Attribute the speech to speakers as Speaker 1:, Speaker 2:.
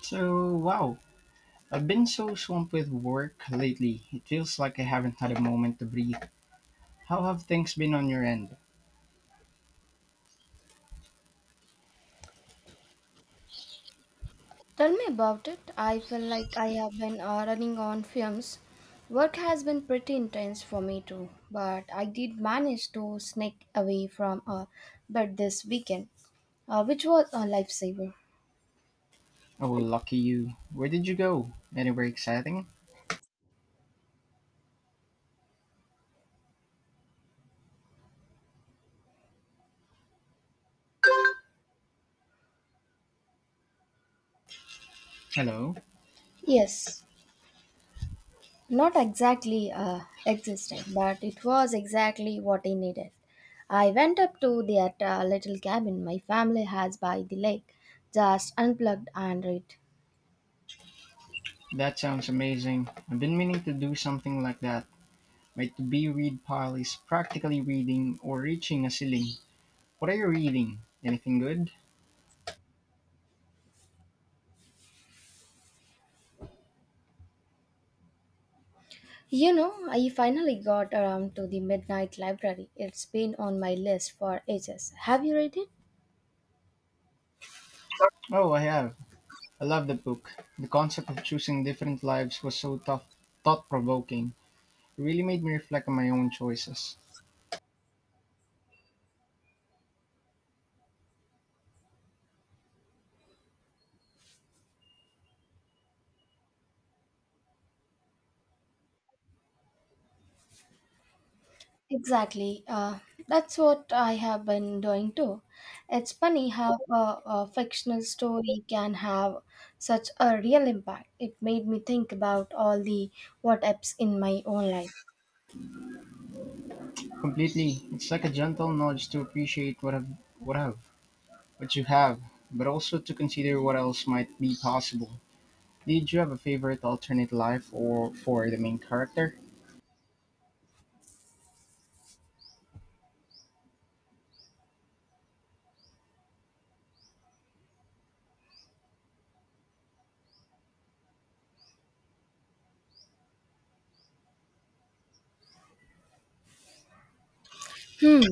Speaker 1: So, wow, I've been so swamped with work lately. It feels like I haven't had a moment to breathe. How have things been on your end?
Speaker 2: Tell me about it. I feel like I have been running on fumes. Work has been pretty intense for me too, but I did manage to sneak away from a bed this weekend, which was a lifesaver.
Speaker 1: Oh, lucky you. Where did you go? Anywhere exciting? Hello?
Speaker 2: Yes, not exactly existing, but it was exactly what I needed. I went up to that little cabin my family has by the lake, just unplugged and read.
Speaker 1: That sounds amazing. I've been meaning to do something like that. My to be read pile is practically reading or reaching a ceiling. What are you reading? Anything good?
Speaker 2: You know, I finally got around to The Midnight Library. It's been on my list for ages. Have you read it?
Speaker 1: Oh, I have. I love the book. The concept of choosing different lives was so thought provoking. It really made me reflect on my own choices.
Speaker 2: Exactly. That's what I have been doing too. It's funny how a fictional story can have such a real impact. It made me think about all the what ifs in my own life.
Speaker 1: Completely. It's like a gentle nudge to appreciate what have what you have, but also to consider what else might be possible. Did you have a favorite alternate life or for the main character?
Speaker 2: Hmm.